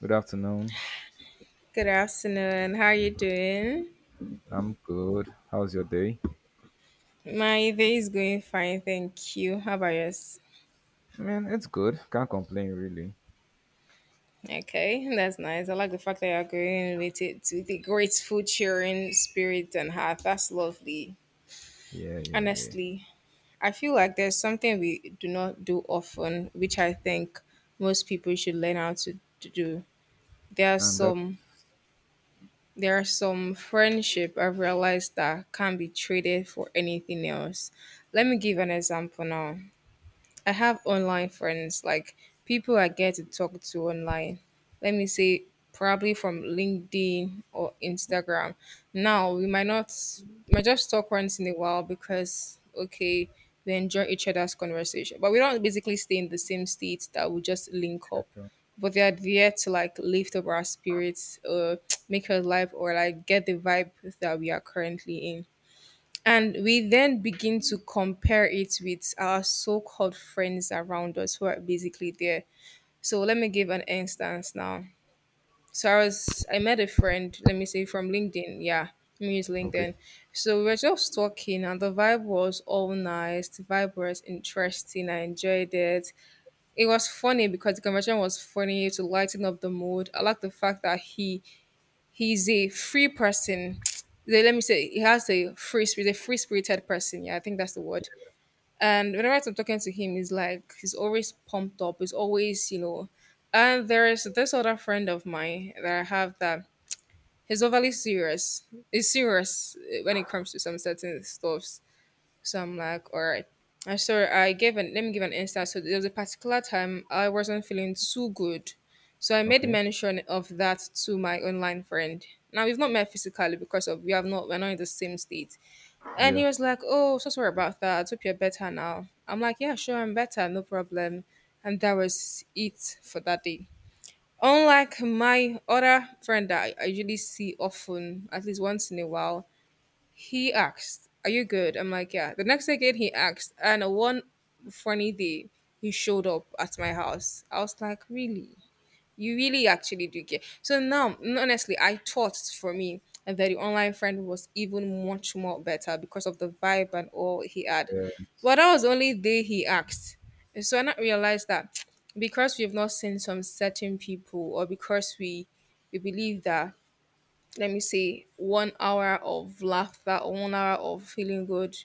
Good afternoon. Good afternoon. How are you doing? I'm good. How's your day? My day is going fine, thank you. How about yours? I mean, it's good. Can't complain, really. Okay, that's nice. I like the fact that you're going with it with a grateful, cheering spirit and heart. That's lovely. Yeah, yeah, yeah. Honestly, I feel like there's something we do not do often, which I think most people should learn how to do. There are And that. some there are some friendship I've realized that can't be traded for anything else. Let me give an example now. I have online friends, like people I get to talk to online. Let me say, probably from LinkedIn or Instagram. Now, we might not, might just talk once in a while because, okay, we enjoy each other's conversation. But we don't basically stay in the same state that we just link Yeah, up. sure. But they are there to like lift up our spirits, or make our life, or like get the vibe that we are currently in. And we then begin to compare it with our so called friends around us who are basically there. So let me give an instance now. So I met a friend, let me say from LinkedIn. Yeah, let me use Okay. LinkedIn. So we were just talking and the vibe was all nice. The vibe was interesting. I enjoyed it. It was funny because the conversation was funny to lighten up the mood. I like the fact that he's a free person. Let me say he has a free spirit, a free spirited person. Yeah, I think that's the word. And whenever I'm talking to him, he's always pumped up. He's always. And there is this other friend of mine that I have that he's overly serious. He's serious when it comes to some certain stuff. So I'm like, all right. And so I gave an let me give an instance. So there was a particular time I wasn't feeling too good. So I made Okay. mention of that to my online friend. Now we've not met physically because of we're not in the same state. And Yeah. he was like, "Oh, so sorry about that. Hope you're better now." I'm like, "Yeah, sure, I'm better, no problem." And that was it for that day. Unlike my other friend that I usually see often, at least once in a while, he asked, "Are you good?" I'm like, "Yeah." The next again, he asked. And one funny day, he showed up at my house. I was like, "Really? You really actually do care." So now, honestly, I thought for me that the online friend was even much more better because of the vibe and all he had. Yeah. But that was the only day he asked. And so I not realized that because we've not seen some certain people or because we believe that let me say one hour of laughter or one hour of feeling good,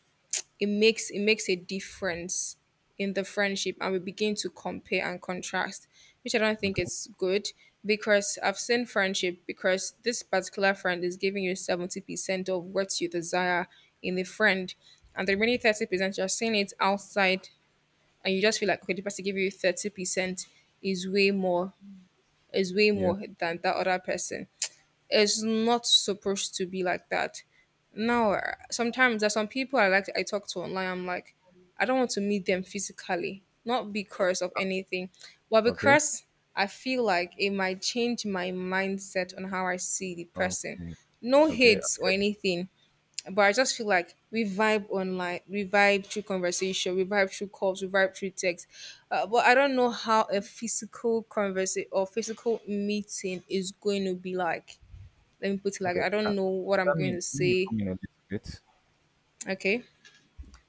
it makes a difference in the friendship, and we begin to compare and contrast, which I don't think Okay. is good, because I've seen friendship, because this particular friend is giving you 70% of what you desire in the friend, and the remaining 30% you're seeing it outside, and you just feel like okay, the person gave you 30% is way more is way Yeah. more than that other person. It's not supposed to be like that. Now, sometimes there's some people I talk to online. I'm like, I don't want to meet them physically, not because of anything, but Okay. because I feel like it might change my mindset on how I see the person. Okay. No Okay. Okay. hates or anything, but I just feel like we vibe online, we vibe through conversation, we vibe through calls, we vibe through text. But I don't know how a physical conversation or physical meeting is going to be like, let me put it like Okay. that. I don't know what I'm Let going me to say. come in a little bit. Okay.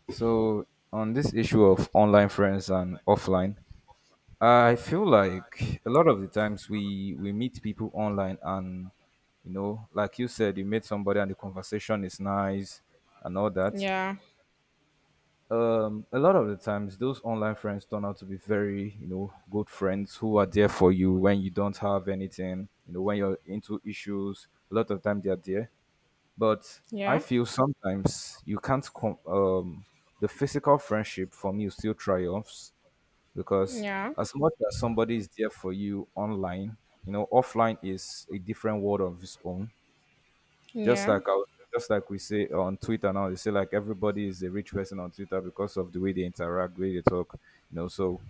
So on this issue of online friends and offline, I feel like a lot of the times we meet people online and, you know, like you said, you meet somebody and the conversation is nice and all that. Yeah. A lot of the times those online friends turn out to be very, you know, good friends who are there for you when you don't have anything, you know, when you're into issues a lot of time they are there, but I Yeah. feel sometimes you can't the physical friendship for me still triumphs, because Yeah. as much as somebody is there for you online, you know, offline is a different world of its own. just Yeah. like I was, just like we say on Twitter now, they say like everybody is a rich person on Twitter because of the way they interact, the way they talk. You know, so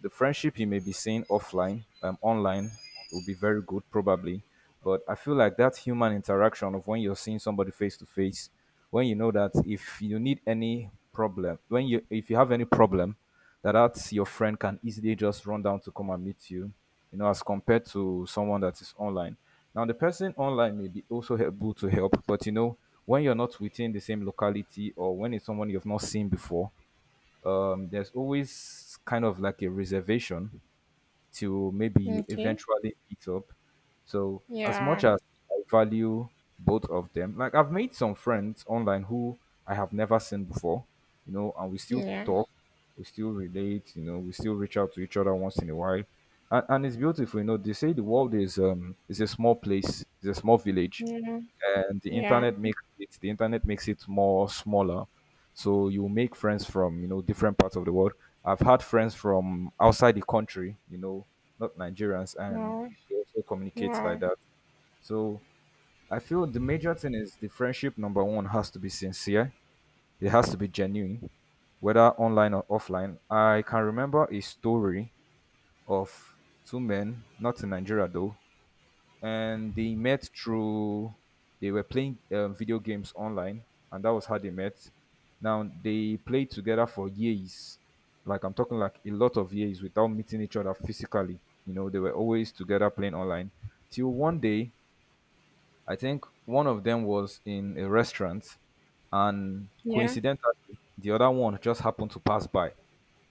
the friendship you may be seeing offline, online, will be very good probably. But I feel like that human interaction of when you're seeing somebody face to face, when you know that if you need any problem, when you if you have any problem, that that's your friend can easily just run down to come and meet you, you know, as compared to someone that is online. Now the person online may be also able to help, but you know, when you're not within the same locality or when it's someone you've not seen before, there's always kind of like a reservation to maybe you Okay. eventually meet up. So as much Yeah. as I value both of them, like I've made some friends online who I have never seen before, you know, and we still Yeah. talk, we still relate, you know, we still reach out to each other once in a while. And it's beautiful, you know. They say the world is a small place, it's a small village, Yeah. and Yeah. The internet makes it more smaller, so you make friends from, you know, different parts of the world. I've had friends from outside the country, you know, not Nigerians, and Wow. we also communicate like Wow. that. So I feel the major thing is the friendship, number one, has to be sincere. It has to be genuine, whether online or offline. I can remember a story of two men, not in Nigeria though, and they met through they were playing video games online, and that was how they met. Now they played together for years, like I'm talking like a lot of years without meeting each other physically. You know, they were always together playing online till one day I think one of them was in a restaurant, and Yeah. coincidentally, the other one just happened to pass by,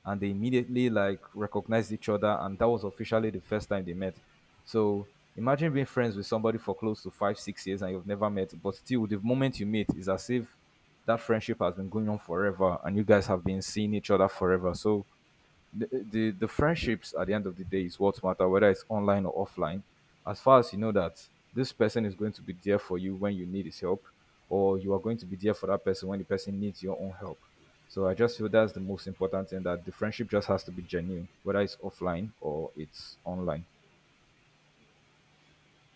and they immediately like recognized each other, and that was officially the first time they met. So imagine being friends with somebody for close to five, six years, and you've never met, but still, the moment you meet is as if that friendship has been going on forever, and you guys have been seeing each other forever. So the friendships at the end of the day is what matter, whether it's online or offline, as far as you know that this person is going to be there for you when you need his help, or you are going to be there for that person when the person needs your own help. So I just feel that's the most important thing, that the friendship just has to be genuine, whether it's offline or it's online.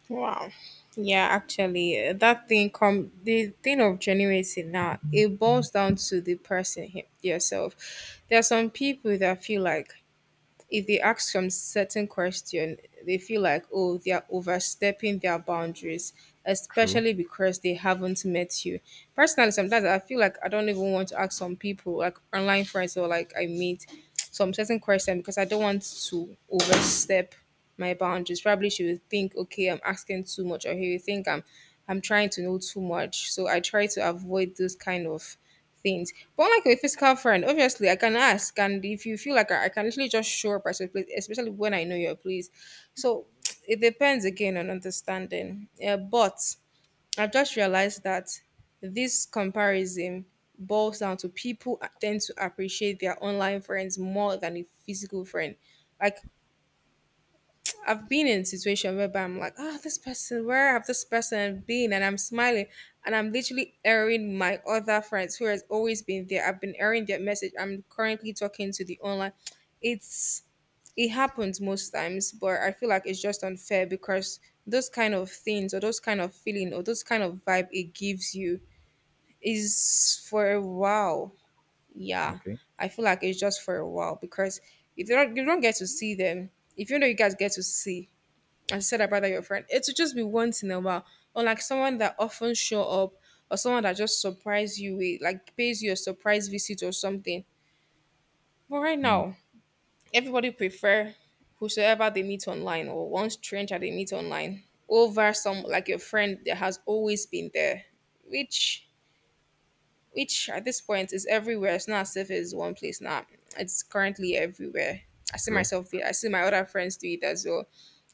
Wow. Yeah, actually, that thing come the thing of genuinity now. It boils down to the person him, yourself. There are some people that feel like if they ask some certain question, they feel like, oh, they are overstepping their boundaries, True. especially because they haven't met you. Personally, sometimes I feel like I don't even want to ask some people, like online friends or like I meet some certain question because I don't want to overstep my boundaries. Probably she would think, okay, I'm asking too much, or he would think I'm trying to know too much. So I try to avoid those kind of things. But unlike a physical friend, obviously I can ask, and if you feel like I can literally just show up at your place, especially when I know your place. So it depends again on understanding. Yeah, but I've just realized that this comparison boils down to people tend to appreciate their online friends more than a physical friend. Like I've been in a situation whereby I'm like, oh, this person, where have this person been? And I'm smiling, and I'm literally airing my other friends who has always been there. I've been airing their message. I'm currently talking to the online. It's it happens most times, but I feel like it's just unfair because those kind of things or those kind of feeling or those kind of vibe it gives you is for a while. Yeah. Okay. I feel like it's just for a while because if you don't you don't get to see them, if you know you guys get to see, I said I'd rather your friend. It would just be once in a while, or like someone that often show up, or someone that just surprise you with, like pays you a surprise visit or something. But right Hmm. now, everybody prefer whosoever they meet online or one stranger they meet online over some like your friend that has always been there, which which at this point is everywhere. It's not as if it's one place now. It's currently everywhere. I see True. myself. I see my other friends do it as well.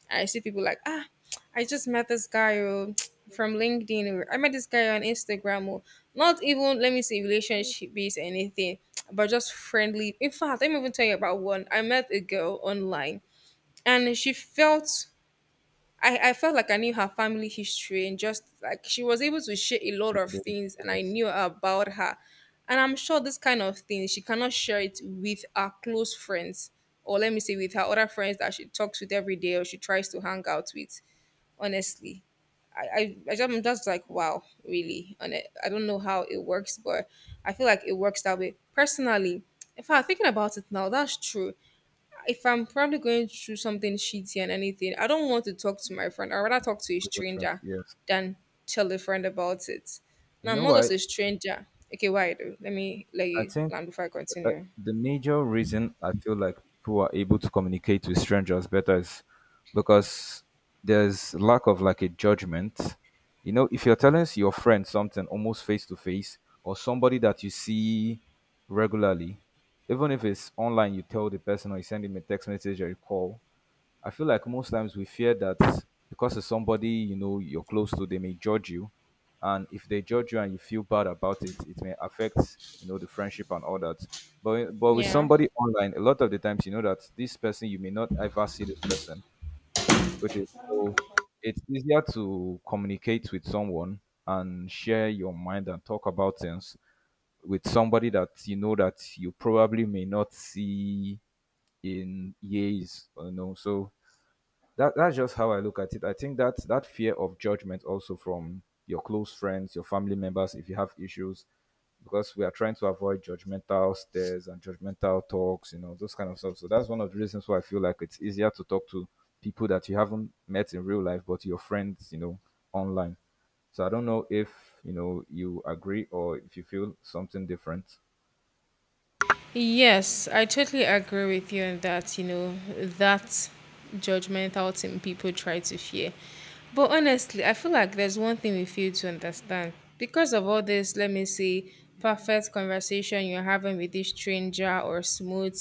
I see people like, ah, I just met this guy from LinkedIn. Or, I met this guy on Instagram. Or, not even, let me say, relationship based anything, but just friendly. In fact, let me even tell you about one. I met a girl online and she felt. I felt like I knew her family history, and just like she was able to share a lot People, of things and I that's- knew about her. And I'm sure this kind of thing, she cannot share it with her close friends, or let me say, with her other friends that she talks with every day or she tries to hang out with honestly. I, I, I just, I'm just like, wow, really. And I don't know how it works, but I feel like it works that way. Personally, if I'm thinking about it now, that's true. If I'm probably going through something shitty and anything, I don't want to talk to my friend. I'd rather talk to a good different. stranger Yes, than tell a friend about it. you Now, I'm know not just what, a stranger. Okay, why do? Let me let I you think land before I uh, continue. the major reason I feel like people are able to communicate with strangers better is because there's lack of like a judgment. You know, if you're telling your friend something almost face to face or somebody that you see regularly, even if it's online, you tell the person or you send him a text message or a call, I feel like most times we fear that because it's somebody you know you're close to, they may judge you, and if they judge you and you feel bad about it, it may affect, you know, the friendship and all that. But with Yeah. somebody online, a lot of the times you know that this person you may not ever see this person, which is so it's easier to communicate with someone and share your mind and talk about things with somebody that you know that you probably may not see in years, you know. So that that's just how I look at it. I think that that fear of judgment also from your close friends, your family members, if you have issues, because we are trying to avoid judgmental stares and judgmental talks, you know, those kind of stuff. So that's one of the reasons why I feel like it's easier to talk to people that you haven't met in real life, but your friends, you know, online. So I don't know if you know you agree or if you feel something different. Yes, I totally agree with you on that, you know, that judgmental thing people try to fear. But honestly, I feel like there's one thing we fail to understand. Because of all this, let me say, perfect conversation you're having with this stranger or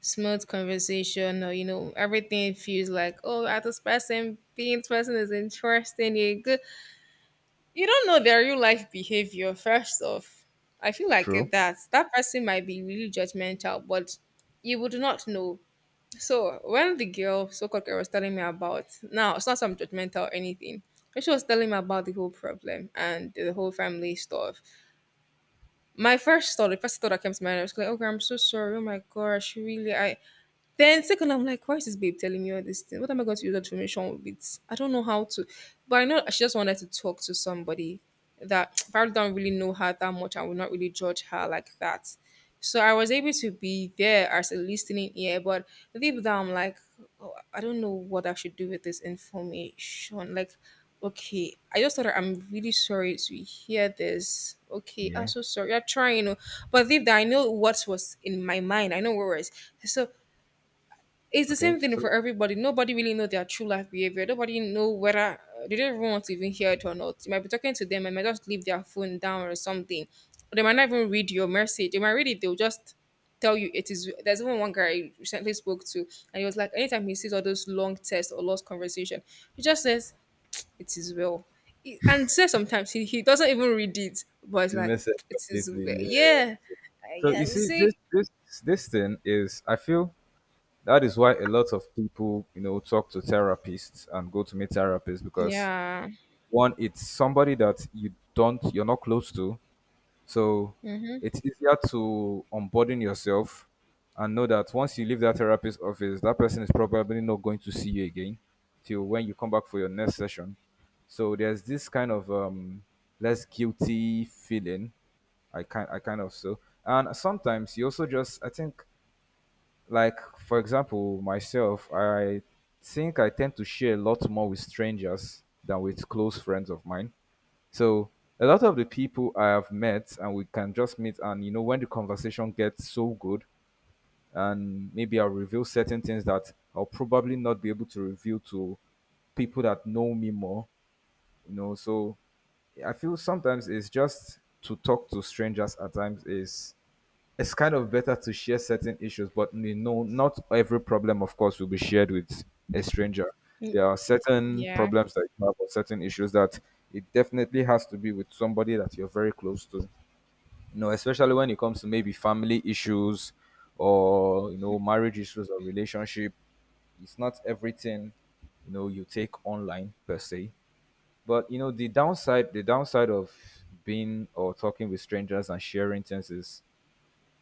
smooth conversation or you know, everything feels like, oh, ah, this person is interesting, you're good. You don't know their real life behavior, first off. I feel like True. if that person might be really judgmental, but you would not know. So when the girl, so-called girl, was telling me about now, it's not some judgmental or anything. But she was telling me about the whole problem and the whole family stuff. The first thought that came to my head, I was like, "Okay, I'm so sorry. Oh my gosh, really?" I then second, I'm like, why is this babe telling me all this thing? What am I going to use that information with? I don't know how to. But I know she just wanted to talk to somebody that probably don't really know her that much and will not really judge her like that. So I was able to be there as a listening ear, but deep down, I'm like, oh, I don't know what I should do with this information. Like, okay, I just thought I'm really sorry to hear this. Okay, I'm Yeah. so sorry. I'm trying, you know, but deep down, I know what was in my mind. I know what was. So it's the Okay. same thing So for everybody. Nobody really know their true life behavior. Nobody know whether they don't even want to even hear it or not. You might be talking to them and might just leave their phone down or something. Or they might not even read your message. They might read it, they'll just tell you it is. There's even one guy I recently spoke to, and he was like, anytime he sees all those long texts or lost conversation, he just says, "It is well." And says sometimes he doesn't even read it, but it's you like miss it it is completely. well. Yeah. Yeah. So you Yeah. You see, see? This thing is I feel that is why a lot of people, you know, talk to therapists and go to meet therapists because, Yeah. one, it's somebody that you're not close to. So Mm-hmm. it's easier to unburden yourself and know that once you leave that therapist's office, that person is probably not going to see you again till when you come back for your next session. So there's this kind of less guilty feeling. I kind of so. And sometimes you also just I think like for example myself I think I tend to share a lot more with strangers than with close friends of mine. So a lot of the people I have met, and we can just meet, and you know, when the conversation gets so good, and maybe I'll reveal certain things that I'll probably not be able to reveal to people that know me more, you know. So I feel sometimes it's just to talk to strangers at times is it's kind of better to share certain issues, but you know, not every problem, of course, will be shared with a stranger. Mm, There are certain yeah. problems that you have or certain issues that it definitely has to be with somebody that you're very close to. You know, especially when it comes to maybe family issues or, you know, marriage issues or relationship. It's not everything, you know, you take online per se. But you know, the downside of being or talking with strangers and sharing things is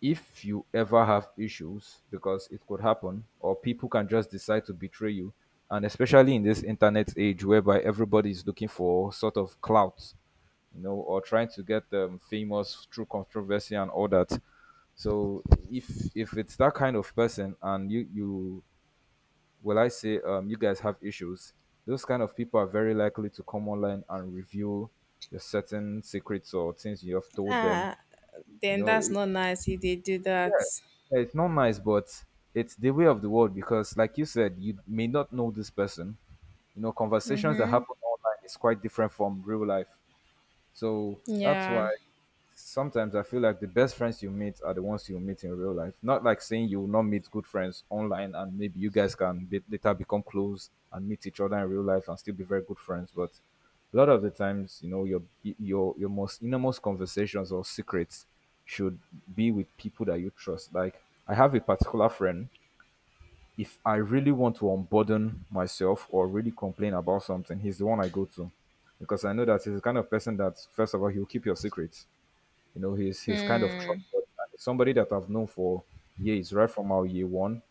if you ever have issues, because it could happen, or people can just decide to betray you, and especially in this internet age whereby everybody is looking for sort of clout, you know, or trying to get famous through controversy and all that. So if if it's that kind of person and you will I say you guys have issues, those kind of people are very likely to come online and reveal your certain secrets or things you have told them. Ah, You then that's know, not nice if they do that. yeah, it's not nice, but it's the way of the world because, like you said, you may not know this person. You know, conversations that Mm-hmm. happen online is quite different from real life. So that's Yeah. why sometimes I feel like the best friends you meet are the ones you meet in real life. Not like saying you will not meet good friends online and maybe you guys can be, later become close and meet each other in real life and still be very good friends. But a lot of the times, you know, your most innermost conversations or secrets should be with people that you trust. Like I have a particular friend. If I really want to unburden myself or really complain about something, he's the one I go to because I know that he's the kind of person that, first of all, he'll keep your secret, you know, he's kind of Hmm. trustworthy. And he's somebody that I've known for years, right from our year one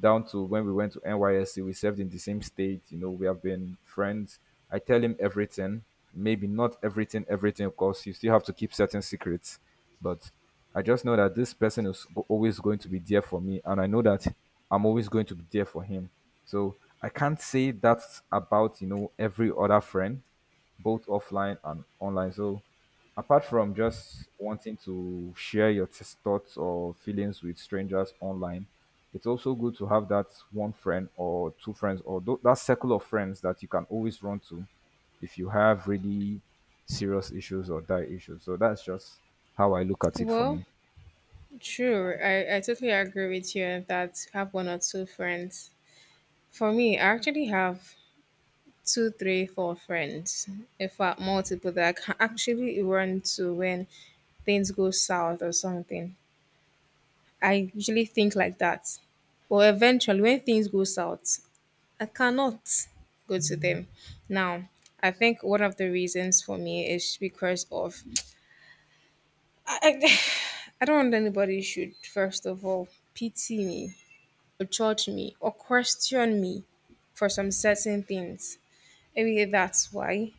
down to when we went to NYSC. We served in the same state. You know, we have been friends. I tell him everything. Maybe not everything, everything, of course. You still have to keep certain secrets, but I just know that this person is always going to be there for me, and I know that I'm always going to be there for him. So I can't say that about every other friend, both offline and online. So, apart from just wanting to share your thoughts or feelings with strangers online, it's also good to have that one friend or two friends or that circle of friends that you can always run to if you have really serious issues or die issues. So that's just how I look at it for Well, me. true. I totally agree with you on that. Have one or two friends. For me, I actually have two, three, four friends. In fact, multiple that I can actually run to when things go south or something. I usually think like that. But eventually, when things go south, I cannot go to them. Now, I think one of the reasons for me is because of I, I, I don't want anybody should first of all pity me or judge me or question me for some certain things. Maybe that's why.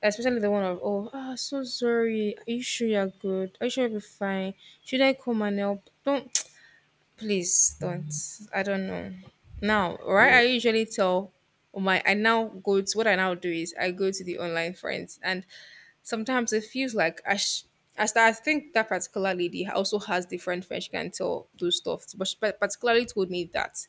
Especially the one of, "Oh, ah, so sorry. Are you sure you're good? Are you sure you'll be fine? Should I come and help?" Don't. Please don't. I don't know. Now, right? Yeah. I usually tell my I now go to what I now do is I go to the online friends. And sometimes it feels like I think that particular lady also has different friends. She can tell those stuff, but she particularly told me that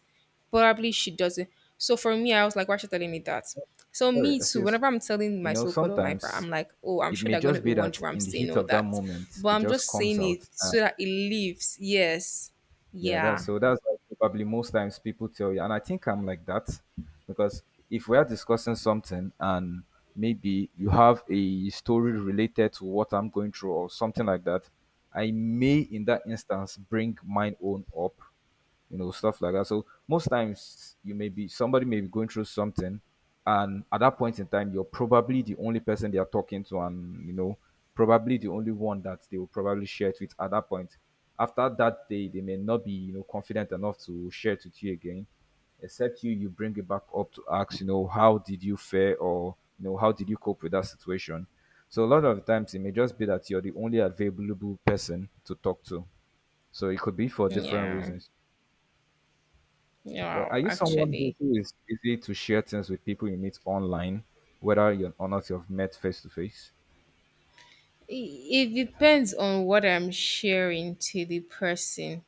probably she doesn't. So for me, I was like, why is she telling me that? So Sorry, me too. excuse. Whenever I'm telling You my know, so-called online friend, sometimes I'm like, oh, I'm it sure may they're going to just be be that wondering why I'm in the saying heat all of that that, moment, but it I'm just just comes saying it out. so that it leaves. Yes, Yeah, that's yeah, so that's like probably most times people tell you, and I think I'm like that because if we are discussing something and maybe you have a story related to what I'm going through or something like that, I may in that instance bring mine own up, you know, stuff like that. So most times you may be somebody may be going through something, and at that point in time, you're probably the only person they are talking to, and you know, probably the only one that they will probably share it with at that point. After that day, they may not be you know confident enough to share it with you again, except you bring it back up to ask you know how did you fare or you know how did you cope with that situation. So a lot of times it may just be that you're the only available person to talk to. So it could be for different yeah, reasons. But yeah. are you someone who, Actually, who is easy to share things with people you meet online, whether you're or not you've met face to face? it it depends on what I'm sharing to the person.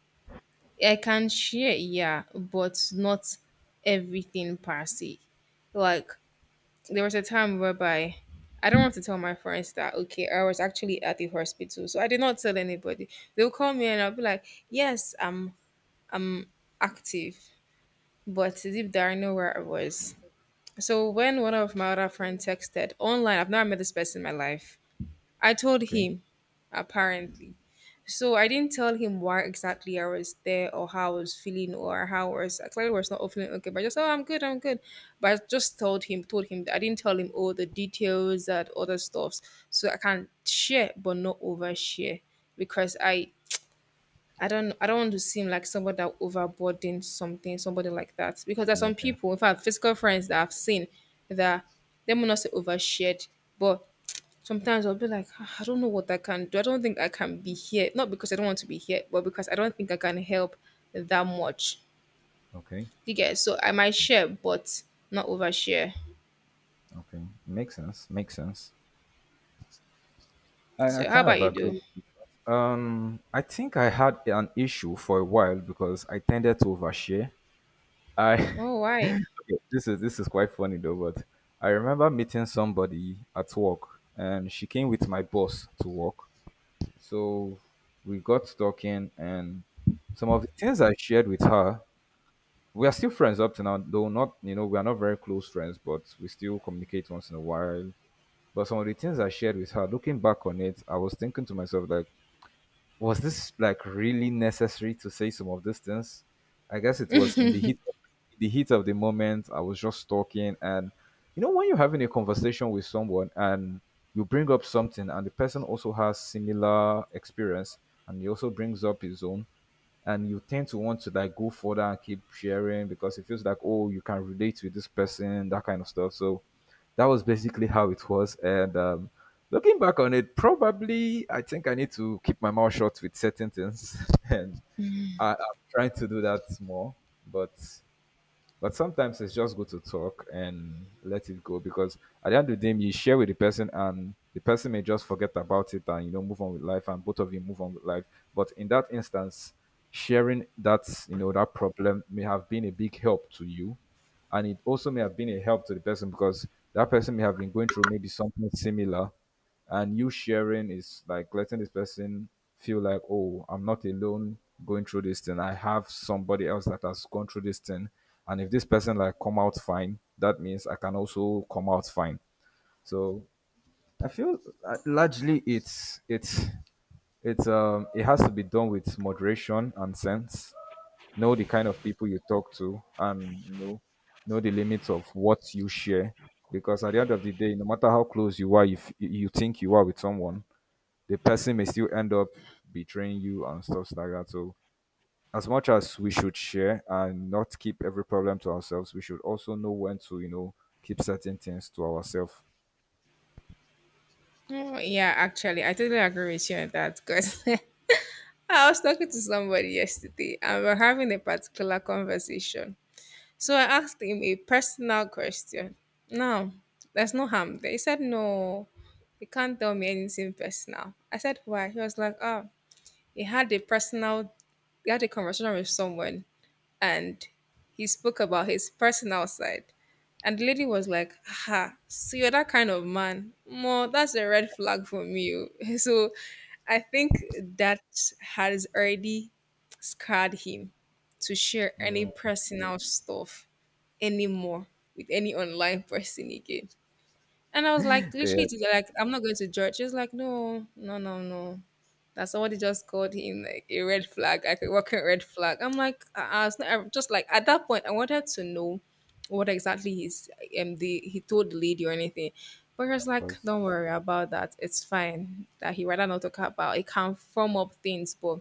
I can share, yeah, but not everything per se. Like, there was a time whereby I don't want to tell my friends that, okay, I was actually at the hospital, so I did not tell anybody. They'll call me and I'll be like, "Yes, I'm active," but deep down I know where I was. So when one of my other friends texted online, I've never met this person in my life. I told Okay. him, apparently. So I didn't tell him why exactly I was there or how I was feeling or how I was. I clearly was not feeling okay, but I just, oh, I'm good, I'm good. But I just told him, that I didn't tell him all the details that other stuffs. So I can share but not overshare because I don't want to seem like somebody that overboard in something, somebody like that. Because there's some Yeah. people, in fact, physical friends that I've seen, that they will not say overshared, but sometimes I'll be like, "Ah, I don't know what I can do. I don't think I can be here. Not because I don't want to be here, but because I don't think I can help that much." Okay. You get it? So I might share, but not overshare. Okay. Makes sense. Makes sense. I So how kind of about you do? agree. I think I had an issue for a while because I tended to overshare. I Oh, why? okay, this is quite funny though, but I remember meeting somebody at work and she came with my boss to work. So we got talking, and some of the things I shared with her, we are still friends up to now, though not, you know, we are not very close friends, but we still communicate once in a while. But some of the things I shared with her, looking back on it, I was thinking to myself, like, was this like really necessary to say some of these things? I guess it was in the heat of the moment. I was just talking, and you know when you're having a conversation with someone and you bring up something, and the person also has similar experience, and he also brings up his own and you tend to want to like go further and keep sharing because it feels like oh you can relate with this person that kind of stuff. So that was basically how it was, and looking back on it probably I think I need to keep my mouth shut with certain things and I'm trying to do that more, but but sometimes it's just good to talk and let it go because at the end of the day, you share with the person and the person may just forget about it and you know move on with life and both of you move on with life. But in that instance, sharing that you know that problem may have been a big help to you, and it also may have been a help to the person because that person may have been going through maybe something similar, and you sharing is like letting this person feel like oh I'm not alone going through this thing. I have somebody else that has gone through this thing, and if this person like come out fine, that means I can also come out fine. So I feel largely it's it's it has to be done with moderation and sense. Know the kind of people you talk to and you know the limits of what you share because at the end of the day no matter how close you are if you think you are with someone, the person may still end up betraying you and stuff like that. So, as much as we should share and not keep every problem to ourselves, we should also know when to, you know, keep certain things to ourselves. Oh yeah, actually I totally agree with you on that because I was talking to somebody yesterday and we are having a particular conversation. So I asked him a personal question. No, there's no harm there. He said, "No, you can't tell me anything personal." I said, "Why?" He was like, "Oh," he had a personal, he had a conversation with someone, and he spoke about his personal side. And the lady was like, "Ha, so you're that kind of man. Mo, that's a red flag for me. Oh." So I think that has already scarred him to share any Mm. personal stuff anymore with any online person again. And I was like, Yeah, literally, like, I'm not going to judge. She's like, no, no, no, no, that somebody just called him like a red flag, like a working red flag. I'm like, it's not, I'm just like at that point, I wanted to know what exactly he told the lady or anything, but he was like, that's don't worry about that, it's fine. That he rather not talk about. It can firm up things, but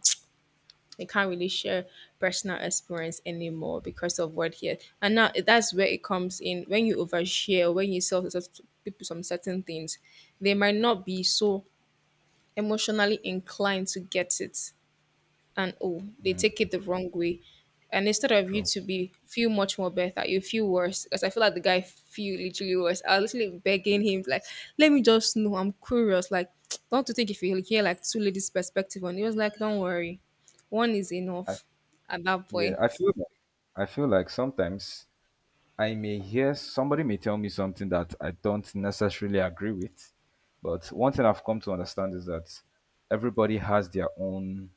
he can't really share personal experience anymore because of what he had. And now that's where it comes in when you overshare, or when you sell to people some certain things, they might not be so emotionally inclined to get it, and oh, they take it the wrong way. And instead of you true. to be feel much more better, you feel worse. Because I feel like the guy feel literally worse. I was literally begging him, like, let me just know. I'm curious. Like, don't you think if you hear like two ladies' perspective on it? He was like, "Don't worry. One is I, enough at that yeah, point." I feel like I feel like sometimes I may hear somebody may tell me something that I don't necessarily agree with, but one thing I've come to understand is that everybody has their own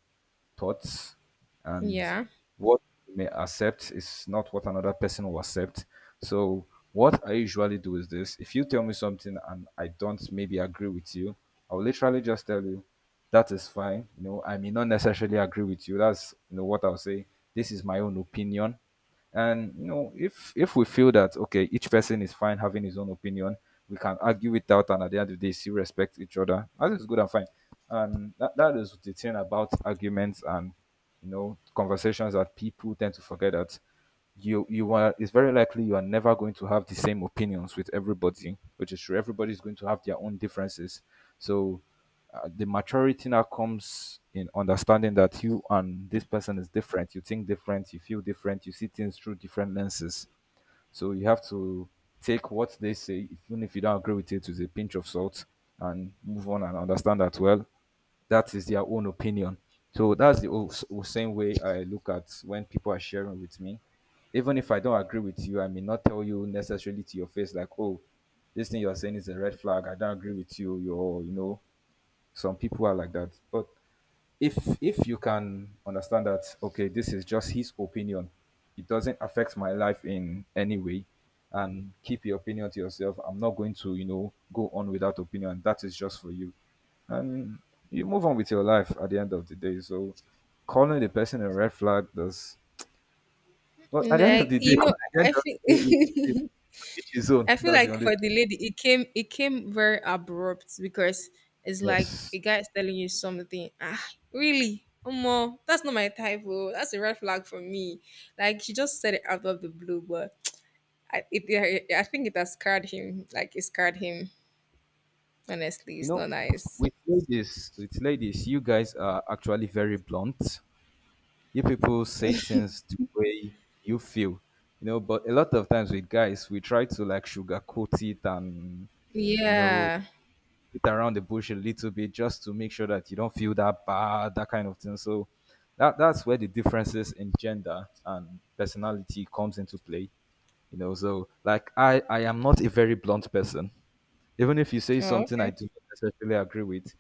thoughts and Yeah. what you may accept is not what another person will accept. So what I usually do is this: if you tell me something and I don't maybe agree with you, I'll literally just tell you that is fine. You know, I may not necessarily agree with you. That's you know what I'll say. This is my own opinion, and you know if we feel that okay each person is fine having his own opinion, we can argue it out and at the end of the day still respect each other, that is good and fine. And that is the thing about arguments and you know conversations that people tend to forget, that you are it's very likely you are never going to have the same opinions with everybody, which is true, everybody is going to have their own differences. So the maturity now comes in understanding that you and this person is different. You think different, you feel different, you see things through different lenses. So you have to take what they say, even if you don't agree with it, with a pinch of salt and move on and understand that, well, that is their own opinion. So that's the same way I look at when people are sharing with me. Even if I don't agree with you, I may not tell you necessarily to your face, like, oh, this thing you're saying is a red flag. I don't agree with you. You're, you know, some people are like that. But if you can understand that, okay, this is just his opinion. It doesn't affect my life in any way. And keep your opinion to yourself. I'm not going to, you know, go on with that opinion. That is just for you. And you move on with your life at the end of the day. So calling the person a red flag does well at the end of Like, the day, you at know, the end I of the think, it's his own. I feel That's the like only for the lady, it came very abrupt because it's thing. like Yes. a guy is telling you something. Ah, really? Omo, that's not my type. Oh, that's a red flag for me. Like she just said it out of the blue, but I think it has scarred him. Like it scarred him. Honestly, You it's know, not nice. With ladies, you guys are actually very blunt. You people say things the way you feel, you know. But a lot of times with guys, we try to like sugarcoat it and you know Yeah. beat around the bush a little bit just to make sure that you don't feel that bad, that kind of thing. So that's where the differences in gender and personality comes into play, you know. So like I am not a very blunt person. Even if you say Oh, something I okay. do not necessarily agree with,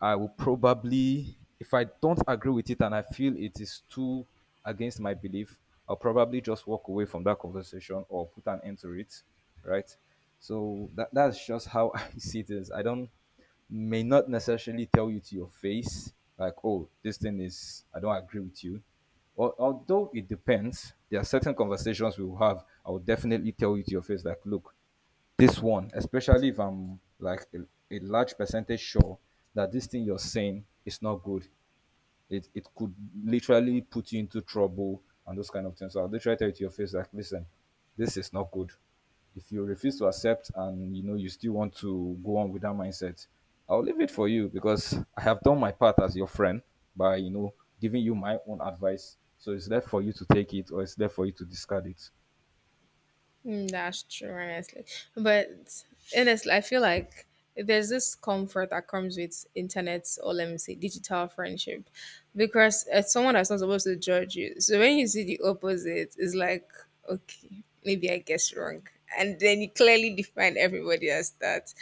I will probably, if I don't agree with it and I feel it is too against my belief, I'll probably just walk away from that conversation or put an end to it, right? So that's just how I see this. I don't may not necessarily tell you to your face like, oh, this thing is I don't agree with you. Although it depends, there are certain conversations we will have. I will definitely tell you to your face like, look, this one, especially if I'm like a large percentage sure that this thing you're saying is not good. It could literally put you into trouble and those kind of things. So I'll literally tell you to your face like, listen, this is not good. If you refuse to accept and you know you still want to go on with that mindset, I'll leave it for you because I have done my part as your friend by you know giving you my own advice. So it's left for you to take it or it's left for you to discard it. Mm, that's true, honestly. But honestly, I feel like there's this comfort that comes with internet or let me say digital friendship because it's someone that's not supposed to judge you. So when you see the opposite, it's like, okay, maybe I guess wrong. And then you clearly define everybody as that.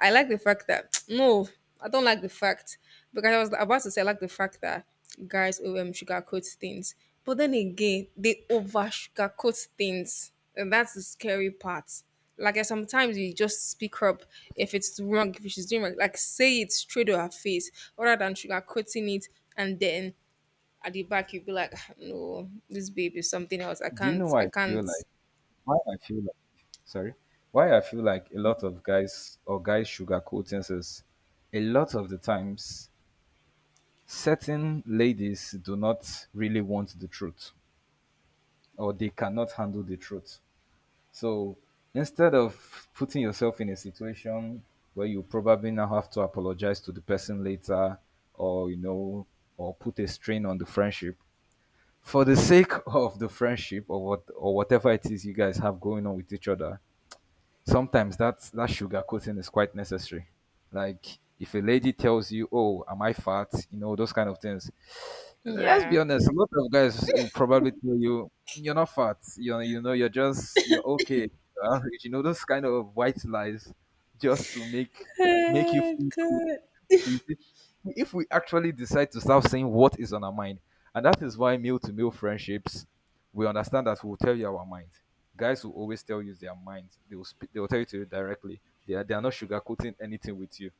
I like the fact that, no, I don't like the fact, because I was about to say, I like the fact that guys sugarcoat things. But then again, they over sugarcoat things and that's the scary part. Like, and sometimes you just speak up if it's wrong, if she's doing wrong. Like, say it straight to her face rather than sugarcoating it. And then at the back, you'll be like, "Ah, no, this baby is something else. I Do you know can't, why I I feel can't." like why I feel sorry why I feel like a lot of guys or guys sugarcoat things is a lot of the times certain ladies do not really want the truth or they cannot handle the truth. So instead of putting yourself in a situation where you probably now have to apologize to the person later, or you know or put a strain on the friendship for the sake of the friendship or whatever it is you guys have going on with each other, sometimes that sugarcoating is quite necessary. Like if a lady tells you, "Oh, am I fat?" You know those kind of things. Let's be Yeah. honest. A lot of guys will probably tell you, "Mm, you're not fat. You know you're just you're okay. You're average." You know those kind of white lies just to make you Oh, feel cool. God. So you see, if we actually decide to start saying what is on our mind, and that is why male to male friendships, we understand that we'll tell you our mind. Guys will always tell you their mind. They will speak, they will tell you to you directly. They are not sugarcoating anything with you.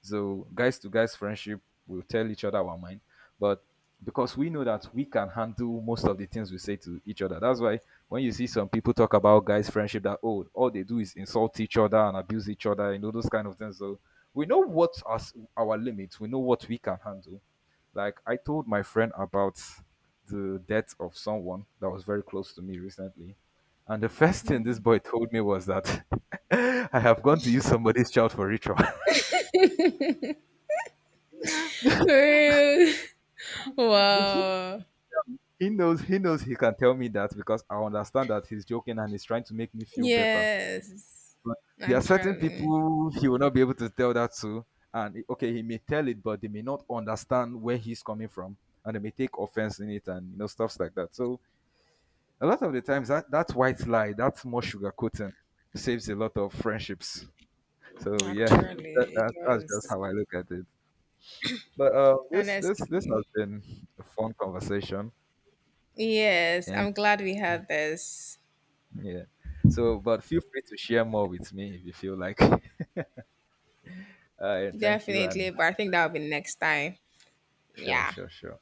So guys to guys friendship, we'll tell each other our mind, but because we know that we can handle most of the things we say to each other. That's why when you see some people talk about guys friendship that oh all they do is insult each other and abuse each other, you know those kind of things. So we know what our limits. We know what we can handle. Like I told my friend about the death of someone that was very close to me recently. And the first thing this boy told me was that I have gone to use somebody's child for ritual. Real. Wow. He knows he knows he can tell me that because I understand that he's joking and he's trying to make me feel better. Yes. But there are certain Naturally. people he will not be able to tell that to. And okay, he may tell it, but they may not understand where he's coming from. And they may take offense in it and you know stuff like that. So a lot of the times that white lie, that's more sugarcoating, saves a lot of friendships. So yeah, Naturally, it that's just was. how I look at it. But this this has Honestly. been a fun conversation, Yes. and I'm glad we had this. Yeah. So, but feel free to share more with me if you feel like. Yeah, thank you, and Definitely, but I think that'll be next time. sure, Yeah. sure, sure.